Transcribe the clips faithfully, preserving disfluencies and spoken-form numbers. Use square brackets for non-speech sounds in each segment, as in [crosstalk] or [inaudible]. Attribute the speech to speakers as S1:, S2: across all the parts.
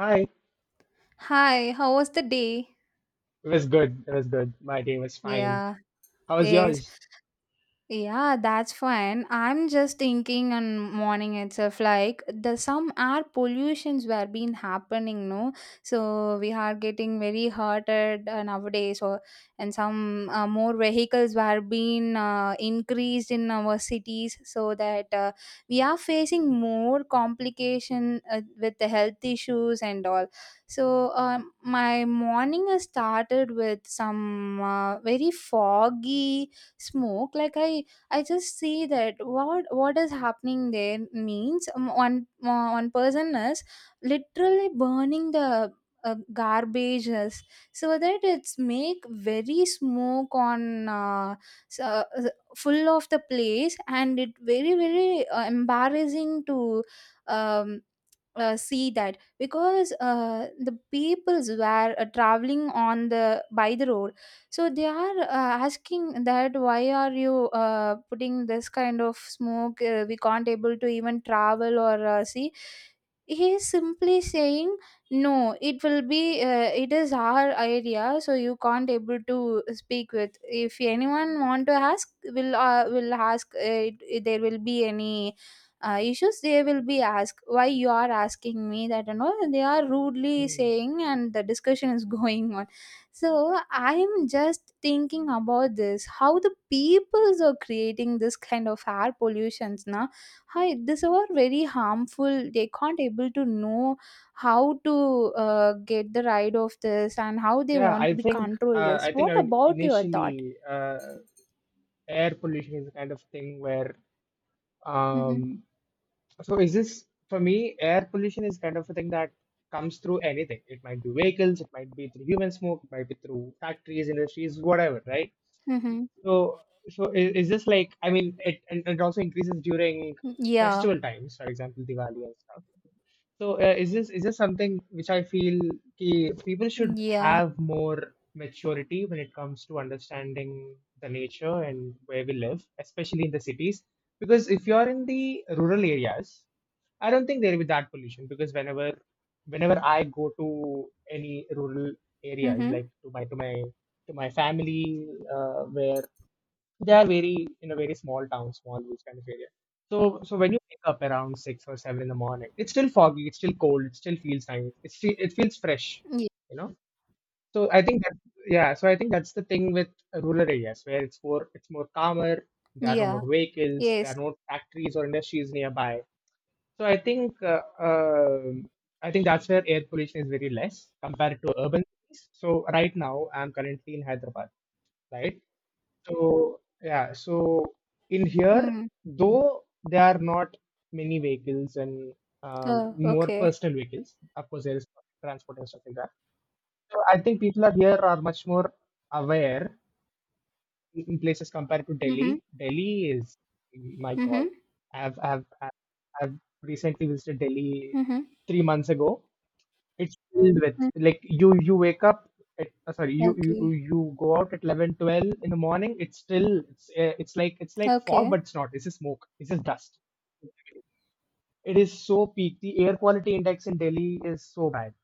S1: Hi.
S2: Hi, how was the day?
S1: It was good. It was good. My day was fine.
S2: Yeah,
S1: How was
S2: yes,
S1: yours?
S2: yeah, that's fine. I'm just thinking on morning itself, like the some air pollutions were been happening, no? So we are getting very hurted uh, nowadays, or and some uh, more vehicles were being uh, increased in our cities, so that uh, we are facing more complication uh, with the health issues and all. So um, my morning has started with some uh, very foggy smoke, like i I just see that what what is happening there means um, one mo- one person is literally burning the uh, garbages, so that it's make very smoke on, uh, so, full of the place, and it very very uh, embarrassing to um, uh, see that, because uh, the peoples were uh, traveling on the by the road, so they are uh, asking that why are you uh, putting this kind of smoke, uh, we can't able to even travel or uh, see. He is simply saying no, it will be, uh, it is our area, so you can't able to speak with. If anyone want to ask, will uh, will ask, uh, it, there will be any uh, issues they will be asked, why you are asking me that and all, and they are rudely
S1: Hmm.
S2: saying, and the discussion is [laughs] going on. So I am just thinking about this, how the peoples are creating this kind of air pollutions now. Hi, this are very harmful, they can't able to know how to uh, get the ride of this and how they
S1: Yeah,
S2: want
S1: I
S2: to be
S1: think
S2: control
S1: uh,
S2: this.
S1: I think I
S2: What
S1: mean
S2: about your thought?
S1: initially uh, air pollution is the kind of thing where
S2: Mm-hmm.
S1: um so is this for me air pollution is kind of a thing that comes through anything. It might be vehicles, it might be through human smoke, it might be through factories, industries, whatever, right?
S2: Mm-hmm.
S1: So so is, is this like I mean it and, and it also increases during
S2: Yeah,
S1: festival times, for example, Diwali and stuff. So uh, is this is this something which I feel ki people should
S2: yeah.
S1: have more maturity when it comes to understanding the nature and where we live, especially in the cities. Because if you're in the rural areas, I don't think there'll be that pollution. Because whenever whenever I go to any rural areas,
S2: Mm-hmm.
S1: like to my to my to my family, uh, where they are very in a very small town, small woods kind of area. So so when you wake up around six or seven in the morning, it's still foggy, it's still cold, it still feels nice, it's fe- it feels fresh, you know. So I think that yeah, so I think that's the thing with rural areas where it's more it's more calmer. There are no
S2: Yeah.
S1: more vehicles, there are
S2: Yes.
S1: no factories or industries nearby. So I think uh, um I think that's where air pollution is very less compared to urban cities. So right now I'm currently in Hyderabad, right? So yeah, so in here,
S2: Mm.
S1: though there are not many vehicles and um,
S2: Oh,
S1: more
S2: okay.
S1: personal vehicles, of course there is public transport and stuff like that. So I think people are here are much more aware in in places compared to Delhi.
S2: Mhm.
S1: Delhi is my God.
S2: Mhm.
S1: I've I've I've I've recently visited Delhi
S2: Mhm.
S1: three months ago. It's filled with,
S2: Mm.
S1: like, you you wake up at uh, sorry you you you
S2: Okay.
S1: you go out at eleven twelve in the morning. It's still it's uh, it's like it's like fog,
S2: Okay.
S1: but it's not, it's just smoke, it's just dust. It is so peak. The air quality index in Delhi is so bad.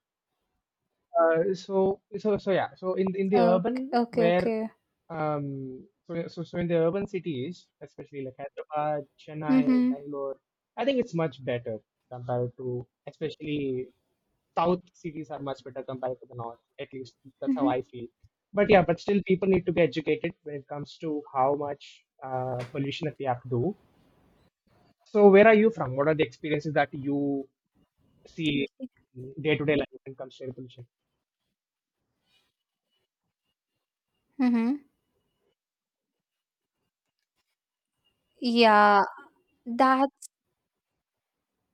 S1: Uh, so so so yeah. So in in the
S2: Okay.
S1: urban
S2: Okay.
S1: where
S2: Okay.
S1: um so so so in the urban cities, especially like Hyderabad, Chennai,
S2: Mhm.
S1: Bangalore, I think it's much better compared to especially south cities are much better compared to the north. At least that's how I
S2: Mhm.
S1: feel. But yeah, but still people need to be educated when it comes to how much uh, pollution that we have to do. So where are you from? What are the experiences that you see day to day life when it comes to air pollution?
S2: Mhm. Yeah. That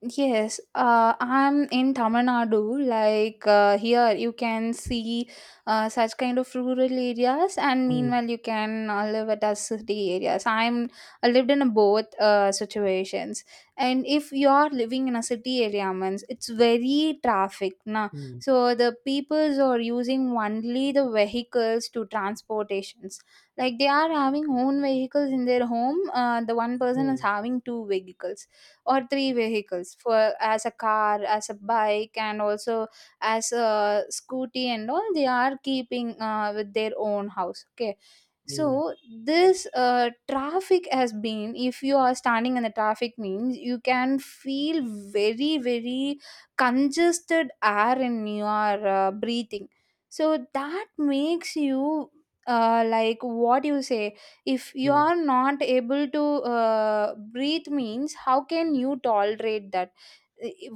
S2: Yes, uh, I'm in Tamil Nadu. Like uh, here, you can see uh, such kind of rural areas, and
S1: Mm,
S2: meanwhile, you can uh, live at a city areas. I'm I lived in both uh, situations, and if you are living in a city area, means it's very traffic, na.
S1: mm,
S2: So the peoples are using only the vehicles to transportations. Like they are having own vehicles in their home. Uh, the one person is
S1: mm.
S2: having two vehicles or three vehicles, for as a car, as a bike, and also as a scooty and all, they are keeping uh, with their own house, okay.
S1: Yes,
S2: So this uh, traffic has been, if you are standing in the traffic means you can feel very very congested air in your uh, breathing, so that makes you, uh, like what you say, if you
S1: yes,
S2: are not able to uh, breathe means, how can you tolerate that?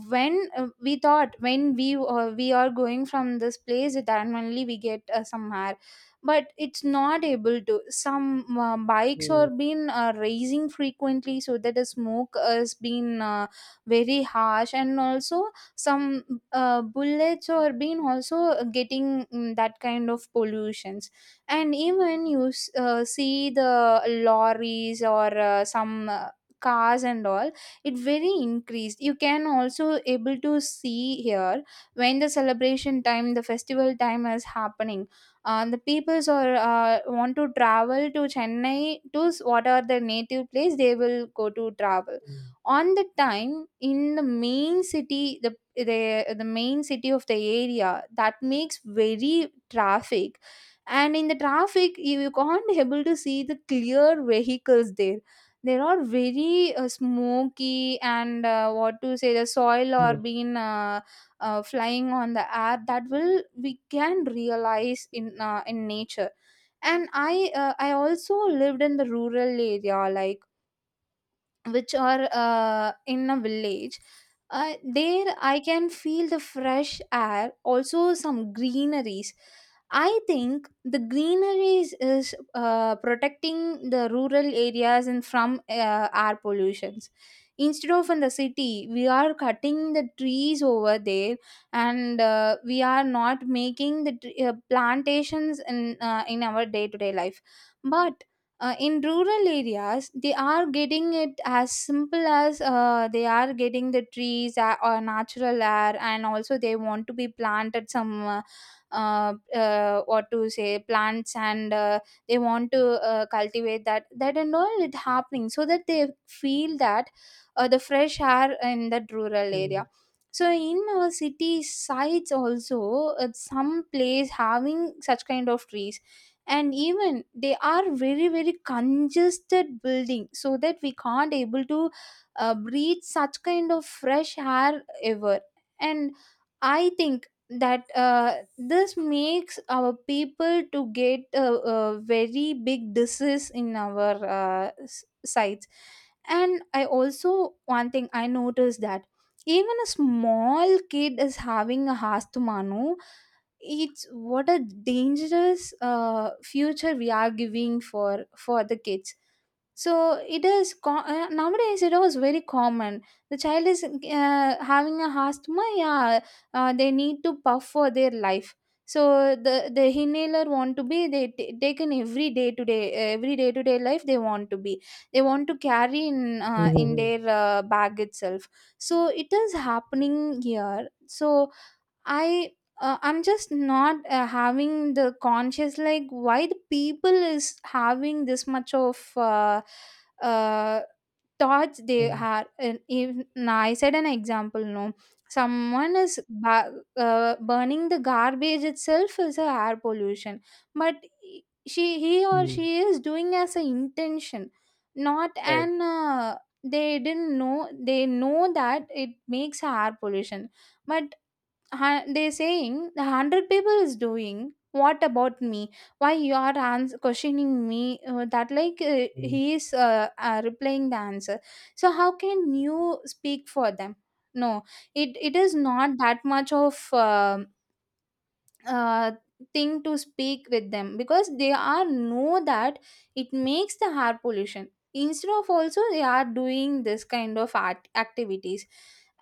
S2: When uh, we thought, when we uh, we are going from this place, then only we get uh, somewhere, but it's not able to. Some uh, bikes
S1: yes,
S2: are been uh, raising frequently, so that the smoke has been uh, very harsh, and also some uh, bullets are been also getting, mm, that kind of pollutions, and even you s- uh, see the lorries or uh, some uh, cars and all, it very increased. You can also able to see here, when the celebration time, the festival time, is happening, uh, the peoples are uh, want to travel to Chennai, to s- what are their native place they will go to travel on the time. In the main city, the the, the main city of the area, that makes very traffic, and in the traffic, you, you can't able to see the clear vehicles there. There are very uh, smoky, and uh, what to say, the soil or
S1: yes,
S2: being uh, uh, flying on the air, that will, we can realize in, uh, in nature. And i uh, i also lived in the rural area, like which are uh, in a village. Uh, there I can feel the fresh air, also some greeneries. I think the greeneries is uh, protecting the rural areas and from uh, air pollutions, instead of in the city we are cutting the trees over there, and uh, we are not making the tre- uh, plantations in, uh, in our day to day life. But uh, in rural areas, they are getting it as simple as, uh, they are getting the trees uh, or natural air, and also they want to be planted some uh, uh, uh, what to say, plants, and uh, they want to uh, cultivate that that and all, it happening, so that they feel that uh, the fresh air in that rural area.
S1: yes,
S2: So in our city sides also, uh, some place having such kind of trees, and even they are very very congested building, so that we can't able to uh, breathe such kind of fresh air ever. And I think that uh, this makes our people to get a, a very big disease in our uh, s- sites. And I also, one thing I noticed that, even a small kid is having a asthma, no? It's what a dangerous uh, future we are giving, for for the kids. So it is, co- uh, nowadays it was very common, the child is uh, having a asthma, yeah. Uh, they need to puff for their life, so the the inhaler want to be, they t- taken every day to day every day to day life they want to be, they want to carry in,
S1: yes,
S2: uh, in
S1: yes,
S2: their uh, bag itself. So it is happening here. So I uh, I'm just not uh, having the conscious, like why the people is having this much of uh, uh, thoughts they have. And if now I said an example, no, someone is ba- uh, burning the garbage itself is a air pollution, but she he or
S1: yes,
S2: she is doing as an intention, not
S1: right.
S2: an. Uh, they didn't know, they know that it makes air pollution, but hu- they're saying the hundred people is doing, what about me? Why you are ans- questioning me? Uh, that, like uh,
S1: Yes,
S2: he is uh, uh, replying the answer. So how can you speak for them? No, it it is not that much of. Um, uh, thing to speak with them, because they are know that it makes the air pollution, instead of also they are doing this kind of art activities.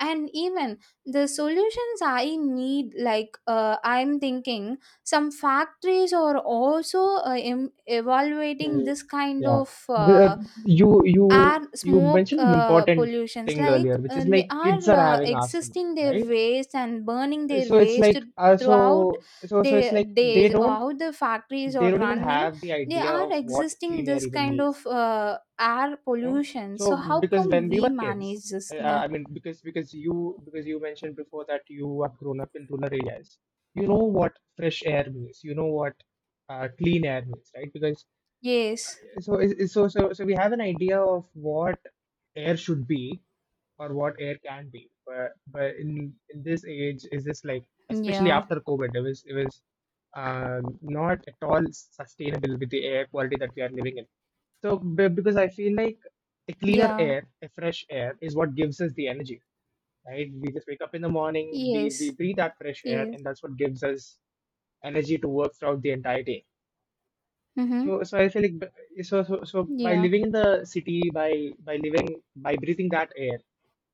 S2: And even the solutions I need, like uh, I'm thinking some factories are also uh, em- evaluating
S1: yes.
S2: this kind
S1: Yeah.
S2: of
S1: The, uh,
S2: uh,
S1: you you
S2: air
S1: you
S2: smoke
S1: mentioned an
S2: uh,
S1: important
S2: pollutions
S1: thing
S2: like,
S1: earlier, which is
S2: and they
S1: like kids
S2: are
S1: are
S2: uh,
S1: having asthma,
S2: existing their
S1: right?
S2: waste and burning their
S1: So it's
S2: waste
S1: like uh,
S2: throughout
S1: so so so it's
S2: their
S1: like they
S2: days, or
S1: don't
S2: how the factories
S1: they
S2: are
S1: don't even
S2: running,
S1: have the
S2: they
S1: idea
S2: are
S1: of what
S2: existing
S1: clean air
S2: this
S1: even
S2: kind
S1: means.
S2: of uh, air
S1: You know,
S2: pollution,
S1: so
S2: so how
S1: because
S2: come
S1: when we
S2: we
S1: were kids
S2: manage this
S1: i,
S2: now?
S1: I mean because because you because you mentioned before that you have grown up in rural areas, you know what fresh air means, you know what uh, clean air means, right? Because
S2: Yes.
S1: so is- so so so we have an idea of what air should be or what air can be, but but in in this age is this like, especially
S2: Yeah.
S1: after covid, it was it was uh, not at all sustainable with the air quality that we are living in. So be- because I feel like a cleaner
S2: Yeah.
S1: air, a fresh air is what gives us the energy, right? We just wake up in the morning, we we
S2: Yes.
S1: breathe that fresh air
S2: Yes.
S1: and that's what gives us energy to work throughout the entire day.
S2: Mm-hmm.
S1: So, so I feel like b- so, so so by
S2: Yeah.
S1: living in the city, by by living by breathing that air,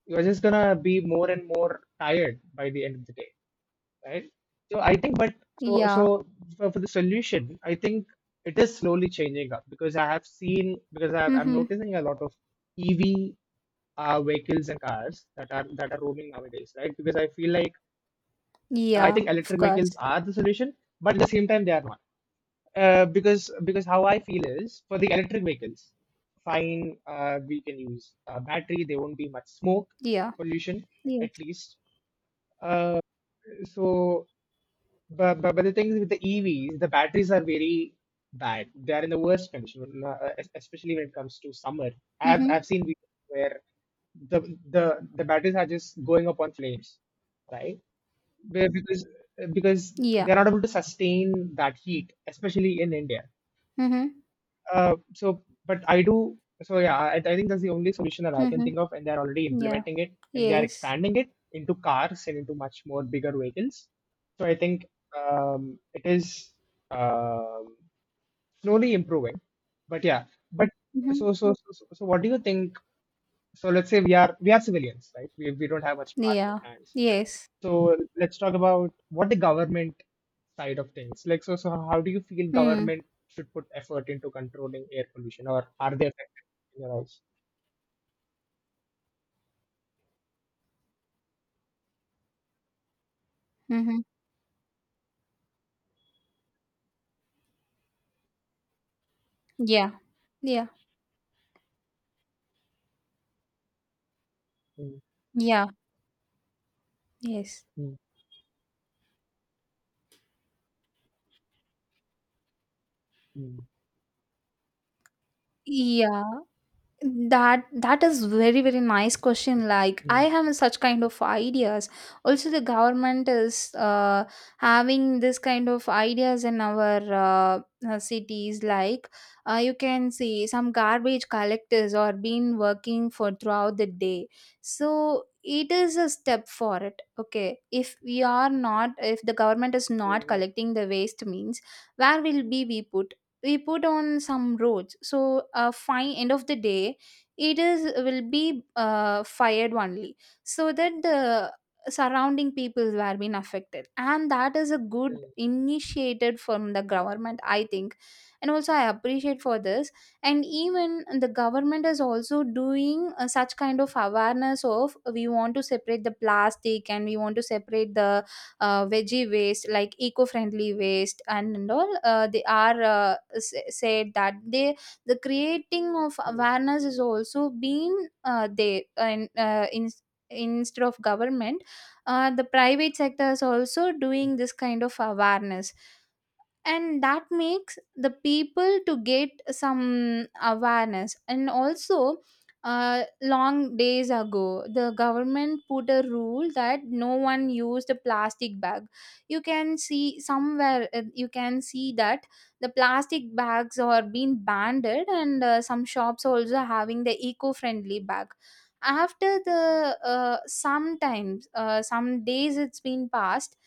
S1: you're just gonna be more and more tired by the end of the day, right? So I think, but so
S2: Yeah.
S1: so for, for the solution, I think it is slowly changing up because I have seen because I, I'm
S2: Mm-hmm.
S1: noticing a lot of E V uh, vehicles and cars that are that are roaming nowadays, right? Because I feel like uh, I
S2: Yeah,
S1: think
S2: of
S1: electric vehicles
S2: course.
S1: are the solution, but at the same time, they are not. Uh, because because how I feel is for the electric vehicles, fine, uh, we can use uh, battery. There won't be much smoke
S2: Yeah.
S1: pollution,
S2: Yes.
S1: at least. Uh, so but, but, but the thing is with the E Vs, the batteries are very bad. They are in the worst condition, uh, es- especially when it comes to summer. I've
S2: Mm-hmm.
S1: I've seen videos where the the the batteries are just going up on flames, right? Be- Because because
S2: Yeah.
S1: they're not able to sustain that heat, especially in India.
S2: Mm-hmm.
S1: Uh, so, but I do. So yeah, I, I think that's the only solution that I can
S2: Mm-hmm.
S1: think of, and they're already
S2: Yeah.
S1: implementing it, and they are
S2: Yes.
S1: expanding it into cars and into much more bigger vehicles. So I think um, it is um, slowly improving. But yeah, but
S2: Mhm.
S1: so so so so so what do you think? So let's say we are we are civilians, right? We we don't have much power in
S2: Yeah.
S1: our hands.
S2: Yes.
S1: So let's talk about what the government side of things. Like, so, so how do you feel
S2: Mm.
S1: government should put effort into controlling air pollution, or are they affected in your eyes?
S2: Mhm. Yeah. Yeah.
S1: Mm,
S2: Yeah. Yes.
S1: mm, mm,
S2: Yeah. that that is very very nice question, like I
S1: mm,
S2: have such kind of ideas. Also the government is uh, having this kind of ideas in our uh, uh, cities, like uh, you can see some garbage collectors or been working for throughout the day. So it is a step for it. Okay, if we are not, if the government is not
S1: mm,
S2: collecting the waste means, where will be we put we put on some roads, so uh, fine, end of the day it is will be uh, fired only, so that the surrounding peoples were being affected, and that is a good
S1: mm,
S2: initiated from the government, I think, and also I appreciate for this. And even the government is also doing uh, such kind of awareness, of we want to separate the plastic, and we want to separate the uh, veggie waste, like eco-friendly waste, and, and all. Uh, they are uh, s- said that, they the creating of
S1: mm,
S2: awareness is also been uh, there, and uh, in instead of government, uh, the private sector is also
S1: mm.
S2: doing this kind of awareness, and that makes the people to get some awareness. And also uh, long days ago, the government put a rule that no one used a plastic bag. You can see somewhere, uh, you can see that the plastic bags are being banned, and uh, some shops also having the eco-friendly bag. After the, uh, sometimes, uh, some days it's been passed,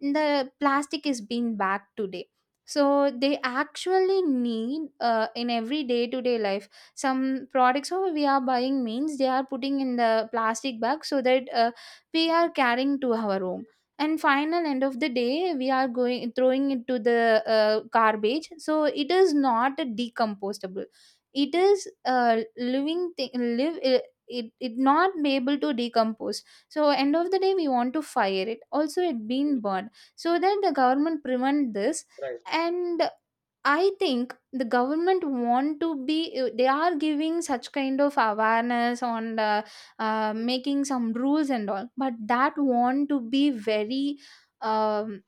S2: the plastic is being back today, so they actually need, uh, in every day to day life, some products over we are buying means, they are putting in the plastic bag, so that uh, we are carrying to our home, and final end of the day we are going throwing it to the uh, garbage, so it is not a decomposable, it is a living thing, live it, it, it not be able to decompose. So end of the day we want to fire it, also it being burned, so that the government prevent this.
S1: Right,
S2: And I think the government want to be, uh, they are giving such kind of awareness on the, uh, making some rules and all, but that want to be very um,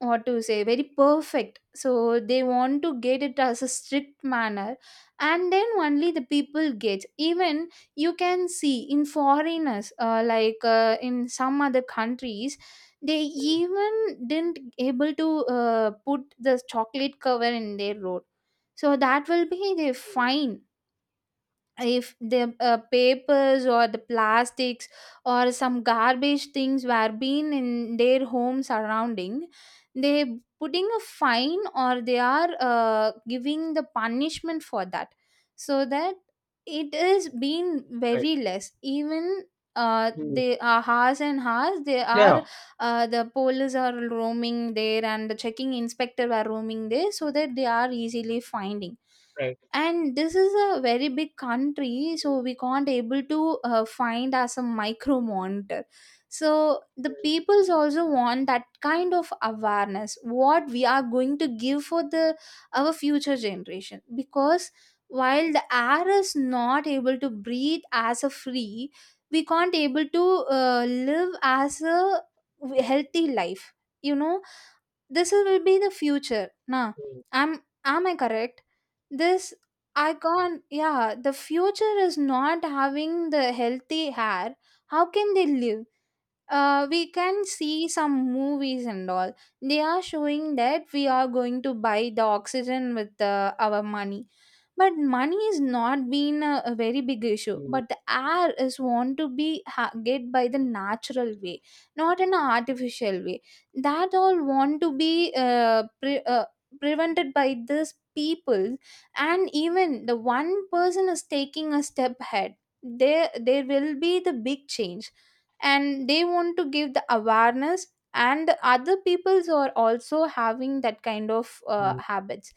S2: what to say, very perfect, so they want to get it as a strict manner and then only the people get even. You can see in foreigners, uh, like uh, in some other countries they even didn't able to uh, put the chocolate cover in their road, so that will be their
S1: mm,
S2: fine. If the uh, papers or the plastics or some garbage things were being in their home surrounding, they putting a fine or they are uh, giving the punishment for that, so that it is being
S1: right,
S2: very less even. Uh,
S1: mm.
S2: they are hours and hours they are
S1: Yeah,
S2: uh, the police are roaming there and the checking inspector are roaming there, so that they are easily finding.
S1: right,
S2: And this is a very big country, so we can't able to uh, find as a micro monitor. So the peoples also want that kind of awareness, what we are going to give for the our future generation, because while the air is not able to breathe as a free, we can't able to uh, live as a healthy life, you know this is- will be the future, nah?
S1: mm,
S2: am am I correct? This, I can't, yeah. The future is not having the healthy hair, how can they live? uh, we can see some movies and all, they are showing that we are going to buy the oxygen with uh, our money. But money is not been a, a very big issue,
S1: mm,
S2: but the air is want to be ha- get by the natural way, not an artificial way. That all want to be uh, pre- uh, prevented by this people. And even the one person is taking a step ahead, there there will be the big change, and they want to give the awareness, and the other peoples are also having that kind of uh,
S1: mm.
S2: habits.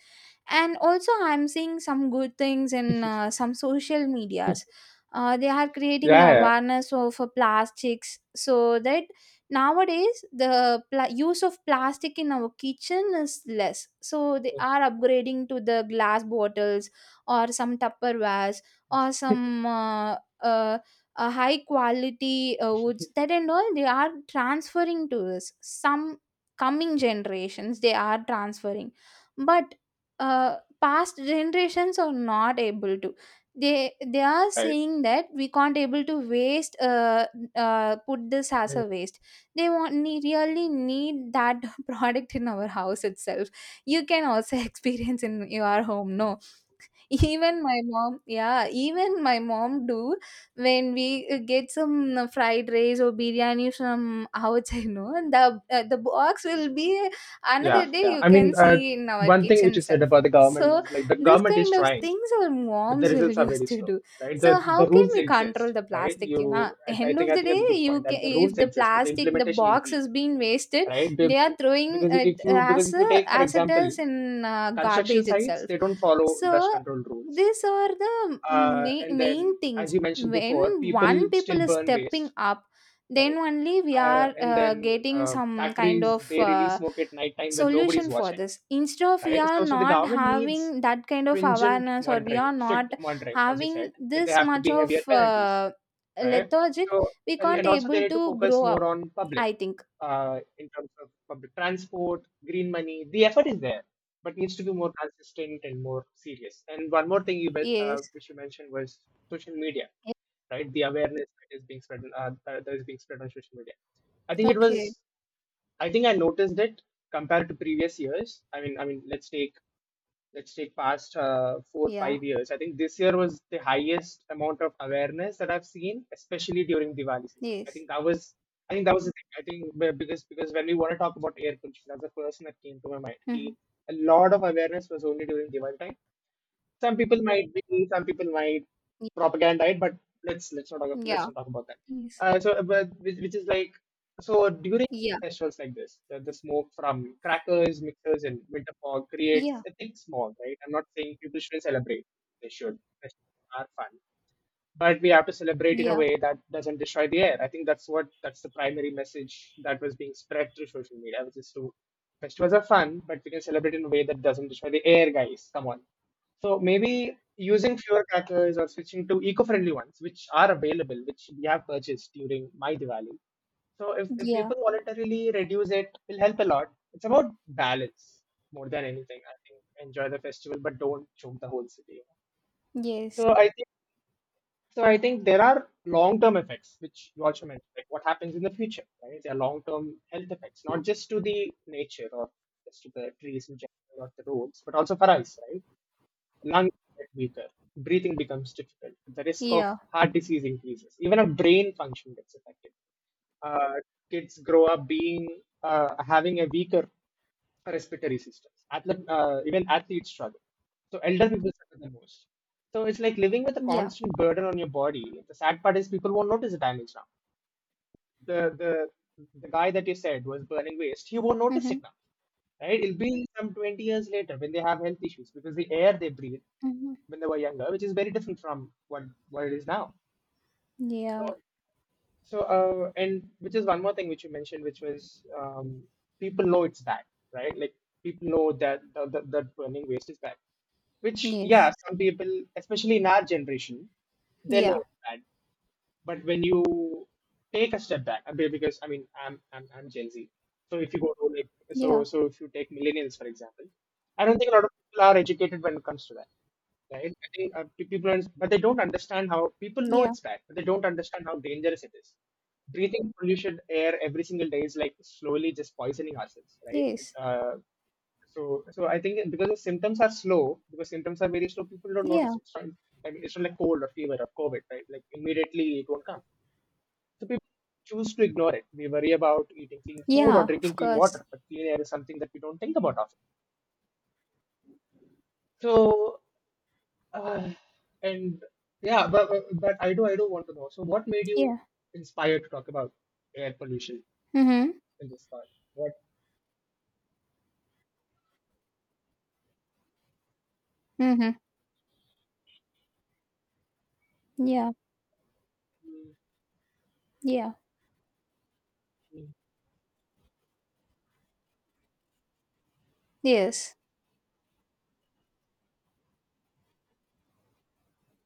S2: And also I'm seeing some good things in uh,
S1: [laughs]
S2: some social medias. uh, they are creating the
S1: Yeah, yeah,
S2: awareness of uh, plastics, so that nowadays the pla- use of plastic in our kitchen is less, so they are upgrading to the glass bottles or some tupperwares or some uh, uh, uh, high quality uh, woods, that and all they are transferring to us. Some coming generations they are transferring, but uh, past generations are not able to. They they are
S1: right,
S2: saying that we can't able to waste uh, uh, put this as
S1: mm.
S2: a waste. They want ne- really need that [laughs] product in our house itself. You can also [laughs] experience in your home, no? Even my mom, yeah, even my mom do. When we uh, get some uh, fried rice or biryani from outside [laughs] no, and the uh, the box will be,
S1: Yeah,
S2: another day
S1: yeah.
S2: you
S1: I
S2: can
S1: mean, uh,
S2: see in our
S1: one thing which
S2: kitchen
S1: you said
S2: self.
S1: about the government
S2: So
S1: is like the
S2: this
S1: government is
S2: kind of
S1: trying.
S2: things our
S1: But the
S2: moms will
S1: results
S2: [laughs]
S1: are
S2: used
S1: very
S2: to
S1: slow,
S2: do.
S1: right? the
S2: So
S1: the
S2: how can
S1: rules
S2: we
S1: exist,
S2: control the
S1: right?
S2: plastic,
S1: You
S2: you know?
S1: i, I
S2: End
S1: think
S2: of
S1: i
S2: the
S1: think
S2: day,
S1: that's a good point
S2: you
S1: that
S2: can,
S1: the
S2: if
S1: rules
S2: the
S1: exist but the
S2: plastic the
S1: implementation is
S2: box
S1: weak,
S2: is being wasted,
S1: right?
S2: they are
S1: Be-
S2: throwing
S1: because
S2: it
S1: if you, because
S2: as
S1: if
S2: a,
S1: you take for
S2: as it
S1: example
S2: is in uh, garbage
S1: construction sites,
S2: itself.
S1: they don't follow dust
S2: So
S1: control rules.
S2: these are the
S1: Uh,
S2: ma-
S1: and then
S2: main
S1: as
S2: things.
S1: you mentioned before,
S2: When
S1: people
S2: one
S1: still
S2: people is
S1: burn
S2: stepping
S1: waste,
S2: up, then
S1: right?
S2: only we
S1: Uh,
S2: are
S1: and
S2: uh,
S1: then
S2: getting
S1: uh,
S2: some kind
S1: factories,
S2: of
S1: they release
S2: uh,
S1: smoke at nighttime when nobody's
S2: solution for
S1: watching,
S2: this. Instead of, we
S1: right?
S2: are
S1: So, so the
S2: not
S1: government needs
S2: having that kind of
S1: stringent
S2: awareness, or we
S1: monitoring,
S2: are
S1: strict
S2: not
S1: monitoring, as you said,
S2: having
S1: and they
S2: this
S1: have to
S2: much
S1: be heavier
S2: of
S1: penalties,
S2: uh,
S1: right?
S2: lethargic,
S1: So,
S2: we
S1: and,
S2: can't
S1: and also they
S2: able
S1: need to
S2: to
S1: focus
S2: grow
S1: more
S2: up,
S1: on public,
S2: I think.
S1: uh, in terms of public transport, green money. The effort is there, but needs to be more consistent and more serious. And one more thing you be- uh,
S2: Yes.
S1: which you mentioned was social media, right? The awareness that is being spread, uh, that that is being spread on social media. I think it
S2: Okay.
S1: was. I think I noticed it compared to previous years. I mean, I mean, let's take let's take past uh, four
S2: Yeah.
S1: five years. I think this year was the highest amount of awareness that I've seen, especially during Diwali season. I
S2: Yes.
S1: think that was I think that was the thing. I think be- because because when we want to talk about air pollution, that's the first thing that came to my mind. Ki,
S2: Mhm.
S1: a lot of awareness was only during Diwali time. Some people might be, some people might propaganda it, but let's let's not talk, let's
S2: Yeah.
S1: not talk about that.
S2: Yes.
S1: Uh, so, uh, but which, which is like, so during
S2: Yeah.
S1: festivals like this, the, the smoke from crackers, mixers, and winter fog creates
S2: Yeah.
S1: a thick smog. Right? I'm not saying people shouldn't celebrate; they should. Festivals are fun, but we have to celebrate in a
S2: Yeah.
S1: way that doesn't destroy the air. I think that's what that's the primary message that was being spread through social media, which is to festivals are fun, but we can celebrate in a way that doesn't destroy the air, guys. Come on. So maybe using fewer crackers or switching to eco-friendly ones, which are available, which we have purchased during my Diwali. So if, if
S2: Yeah.
S1: people voluntarily reduce it, will help a lot. It's about balance more than anything. I think enjoy the festival, but don't choke the whole city.
S2: Yes.
S1: So I think. So I think there are long-term effects, which you also mentioned, like what happens in the future, right? There are long-term health effects, not just to the nature or just to the trees in general or the roads, but also for us, right? Lungs get weaker, breathing becomes difficult, the risk of
S2: Yeah.
S1: heart disease increases, even our brain function gets affected. Uh, kids grow up being uh, having a weaker respiratory systems. Athlete, uh, even athletes struggle. So elder people suffer the most. So it's like living with a
S2: Yeah.
S1: constant burden on your body. The sad part is people won't notice the damage now. The the the guy that you said was burning waste, he won't notice
S2: Mm-hmm.
S1: it now, right? It'll be some twenty years later when they have health issues because the air they breathe
S2: Mm-hmm.
S1: when they were younger, which is very different from what what it is now.
S2: Yeah.
S1: So, so uh, and which is one more thing which you mentioned, which was um, people know it's bad, right? Like people know that that, that that burning waste is bad. Which yeah,
S2: Yes.
S1: some people, especially in our generation, they know
S2: Yeah.
S1: it's bad. But when you take a step back, I mean, because I mean, I'm I'm I'm Gen Z. So if you go to like so
S2: Yeah.
S1: so if you take millennials for example, I don't think a lot of people are educated when it comes to that, right? I think uh, pe- people, are, but they don't understand how people know
S2: Yeah.
S1: it's bad, but they don't understand how dangerous it is. Breathing polluted air every single day is like slowly just poisoning ourselves, right?
S2: Yes.
S1: Uh, so, so I think because the symptoms are slow, because symptoms are very slow, people don't notice
S2: Yeah.
S1: it. It's not, I mean, it's not like cold or fever or COVID, right? Like immediately it won't come. So people choose to ignore it. We worry about eating clean food or
S2: Yeah.
S1: drinking
S2: Of
S1: clean
S2: course.
S1: water, but clean air is something that we don't think about often. So, uh, and yeah, but, but but I do I do want to know. So, what made you
S2: Yeah.
S1: inspired to talk about air pollution
S2: Mm-hmm.
S1: in this part? What?
S2: Mm-hmm. Yeah.
S1: Mm,
S2: Yeah.
S1: mm,
S2: Yes.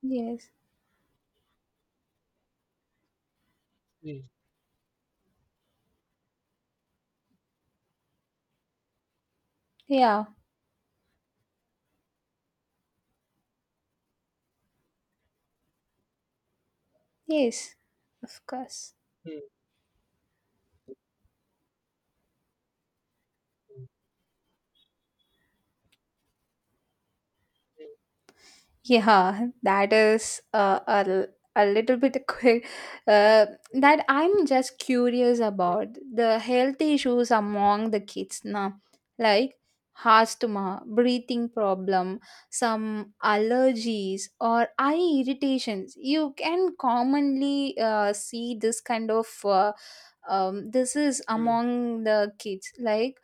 S2: Yes.
S1: mm,
S2: Yeah. Yes. Of course.
S1: mm, mm,
S2: Yeah, that is uh, a, l- a little bit [laughs] quick. Uh,
S1: mm,
S2: that I'm just curious
S1: mm, mm,
S2: about the health issues among the kids now, like asthma, breathing problem, some allergies, or eye irritations. You can commonly uh, see this kind of uh, um, this is
S1: mm,
S2: among the kids. Like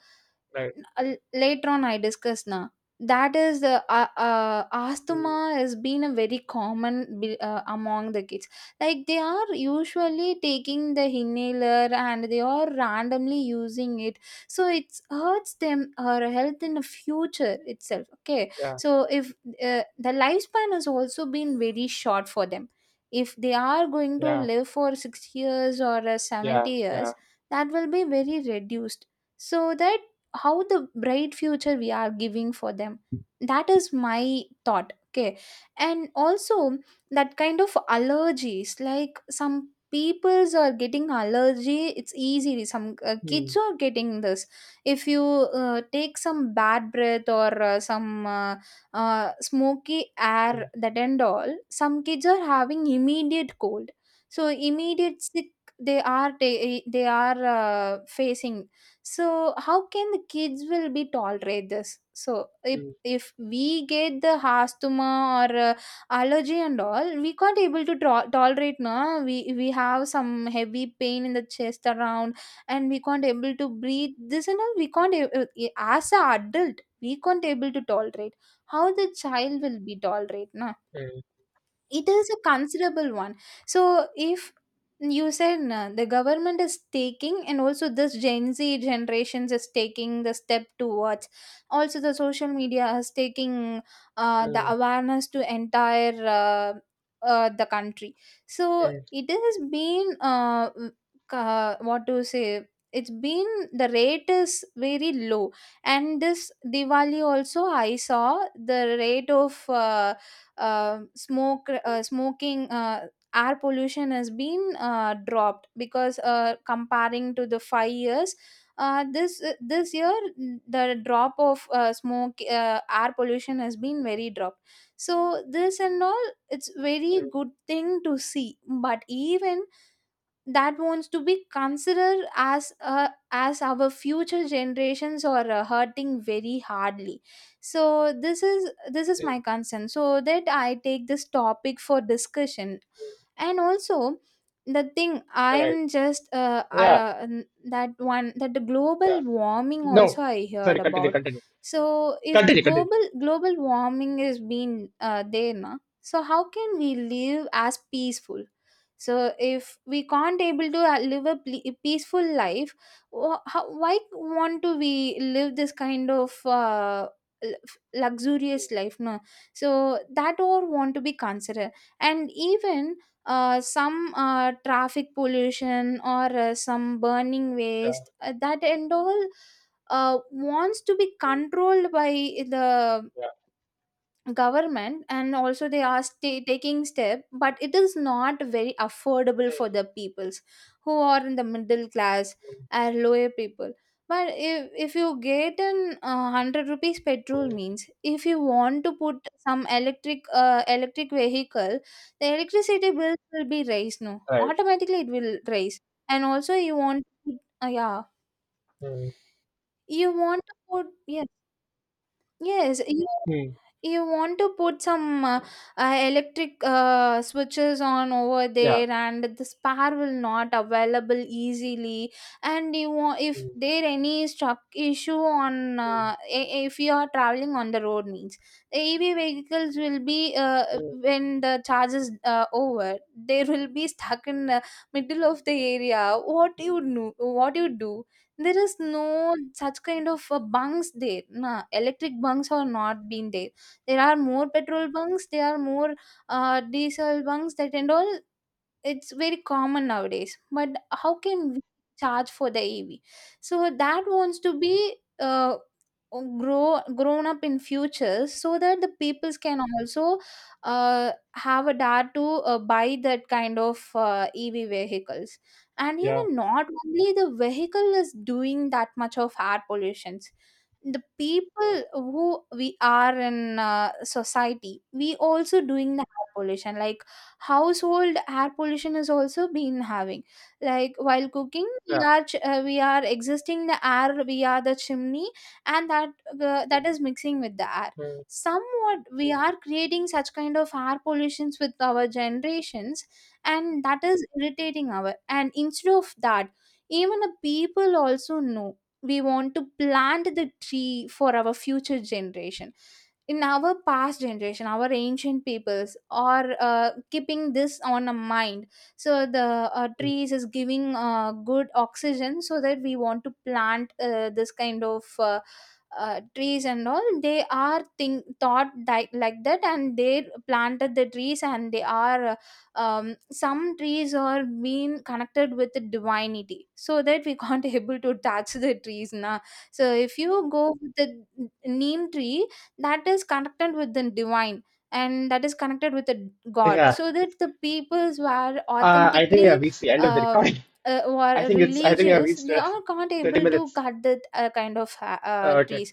S1: right.
S2: uh, later on, I discuss now, that is the uh, uh,
S1: Mm,
S2: asthma has been a very common be- uh, among the kids, like they are usually taking the inhaler and they are randomly using it, so it hurts them or health in the future itself, okay.
S1: yeah.
S2: So if uh, the lifespan has also been very short for them, if they are going to
S1: Yeah.
S2: live for sixty years or uh,
S1: Yeah,
S2: seventy
S1: yeah.
S2: years, that will be very reduced. So that, how the bright future we are giving for them, that is my thought, okay. And also that kind of allergies, like some peoples are getting allergy, it's easy, some uh, kids
S1: Mm,
S2: are getting this. If you uh, take some bad breath, or uh, some uh, uh, smoky air,
S1: mm,
S2: that and all, some kids are having immediate cold, so immediate sick they are, they, they are uh, facing. So how can the kids will be tolerate this? So if
S1: mm,
S2: if we get the asthma, or uh, allergy and all, we can't able to tro- tolerate, no? We we have some heavy pain in the chest around, and we can't able to breathe this and all. We can't a- a- as a adult we can't able to tolerate, how the child will be tolerate?
S1: mm,
S2: It is a considerable one. So if you said uh, the government is taking, and also this Gen Z generations is taking the step towards, also the social media is taking uh, the
S1: mm,
S2: awareness to entire uh, uh, the country. So
S1: mm,
S2: it has been uh, w- uh, what to say, it's been, the rate is very low. And this Diwali also I saw the rate of uh, uh, smoke, uh, smoking, uh, air pollution has been uh, dropped, because uh, comparing to the five years, uh, this this year, the drop of uh, smoke, uh, air pollution has been very dropped. So this and all, it's very
S1: mm,
S2: good thing to see, but even that wants to be considered, as uh, as our future generations are uh, hurting very hardly. So this is, this is
S1: mm,
S2: my concern, so that I take this topic for discussion.
S1: mm.
S2: And also the thing
S1: Right.
S2: I'm just uh,
S1: Yeah,
S2: uh that one, that the
S1: yeah.
S2: global warming also
S1: No.
S2: I heard
S1: Sorry, continue,
S2: about.
S1: continue.
S2: So if the
S1: Continue, continue.
S2: global global warming is being uh, there, na, so how can we live as peaceful? So if we can't able to uh, live a ple- peaceful life, wh- how, why want to we live this kind of uh, l-
S1: Mm,
S2: luxurious life, no? So that all want to be considered. And even uh, some uh, traffic pollution, or uh, some burning
S1: yeah,
S2: waste, uh, that and all, uh, wants to be
S1: mm,
S2: controlled by the
S1: yeah.
S2: government. And also they are sta taking step, but it is not very affordable for
S1: Mm,
S2: the peoples who are in the middle class or lower people. But if, if you get an uh, one hundred rupees
S1: mm,
S2: petrol
S1: mm.
S2: means, if you want to put some electric, uh, electric vehicle, the electricity bills will be raised, no,
S1: Right.
S2: automatically it will raise. And also you want to put- uh, yeah,
S1: Mm,
S2: you want to put, yes, yes, you
S1: mm,
S2: you want to put some uh, uh, electric uh, switches on over
S1: yeah.
S2: there, and the spare will not available easily. And you want, if
S1: Mm,
S2: there any struck issue on
S1: mm,
S2: uh, i- if you are traveling on the road means, the EV vehicles will be uh,
S1: mm,
S2: when the charge is uh, over, they will be stuck in the middle of the area. What you do, what you do? There is no such kind of uh, bunks there, nah, electric bunks are not been there. There are more petrol bunks, there are more uh, diesel bunks, that and all. It's very common nowadays. But how can we charge for the E V? So that wants to be uh, grow grown up in future, so that the peoples can also uh, have a dare to uh, buy that kind of uh, E V vehicles. And
S1: yeah,
S2: even not only the vehicle is doing that much of air pollutions, the people who we are in uh, society, we also doing the air pollution, like household air pollution is also been having, like while cooking we
S1: yeah.
S2: are ch- uh, we are existing the air, we are the chimney, and that uh, that is mixing with the air.
S1: Mm,
S2: Somewhat we are creating such kind of air pollutions with our generations, and that is irritating our, and instead of that, even the people also know, we want to plant the tree for our future generation. In our past generation, our ancient peoples are uh, keeping this on a mind, so the uh,
S1: mm.
S2: trees is giving uh, good oxygen, so that we want to plant uh, this kind of uh, uh, trees and all, they are think thought like, like that, and they planted the trees, and they are uh, um, some trees are being connected with the divinity, so that we can't [laughs] able to touch the trees now. So if you go with the neem tree, that is connected with the divine, and that is connected with the god,
S1: Yeah.
S2: so that the peoples were
S1: Uh, I think we have
S2: authentically
S1: reached the end of the recording.
S2: um uh,
S1: [laughs] I
S2: were
S1: think it's, I think we have
S2: religious,
S1: reached
S2: they
S1: uh,
S2: are not
S1: thirty
S2: able to
S1: minutes.
S2: cut that uh, kind of uh, uh,
S1: Uh, Okay.
S2: trees.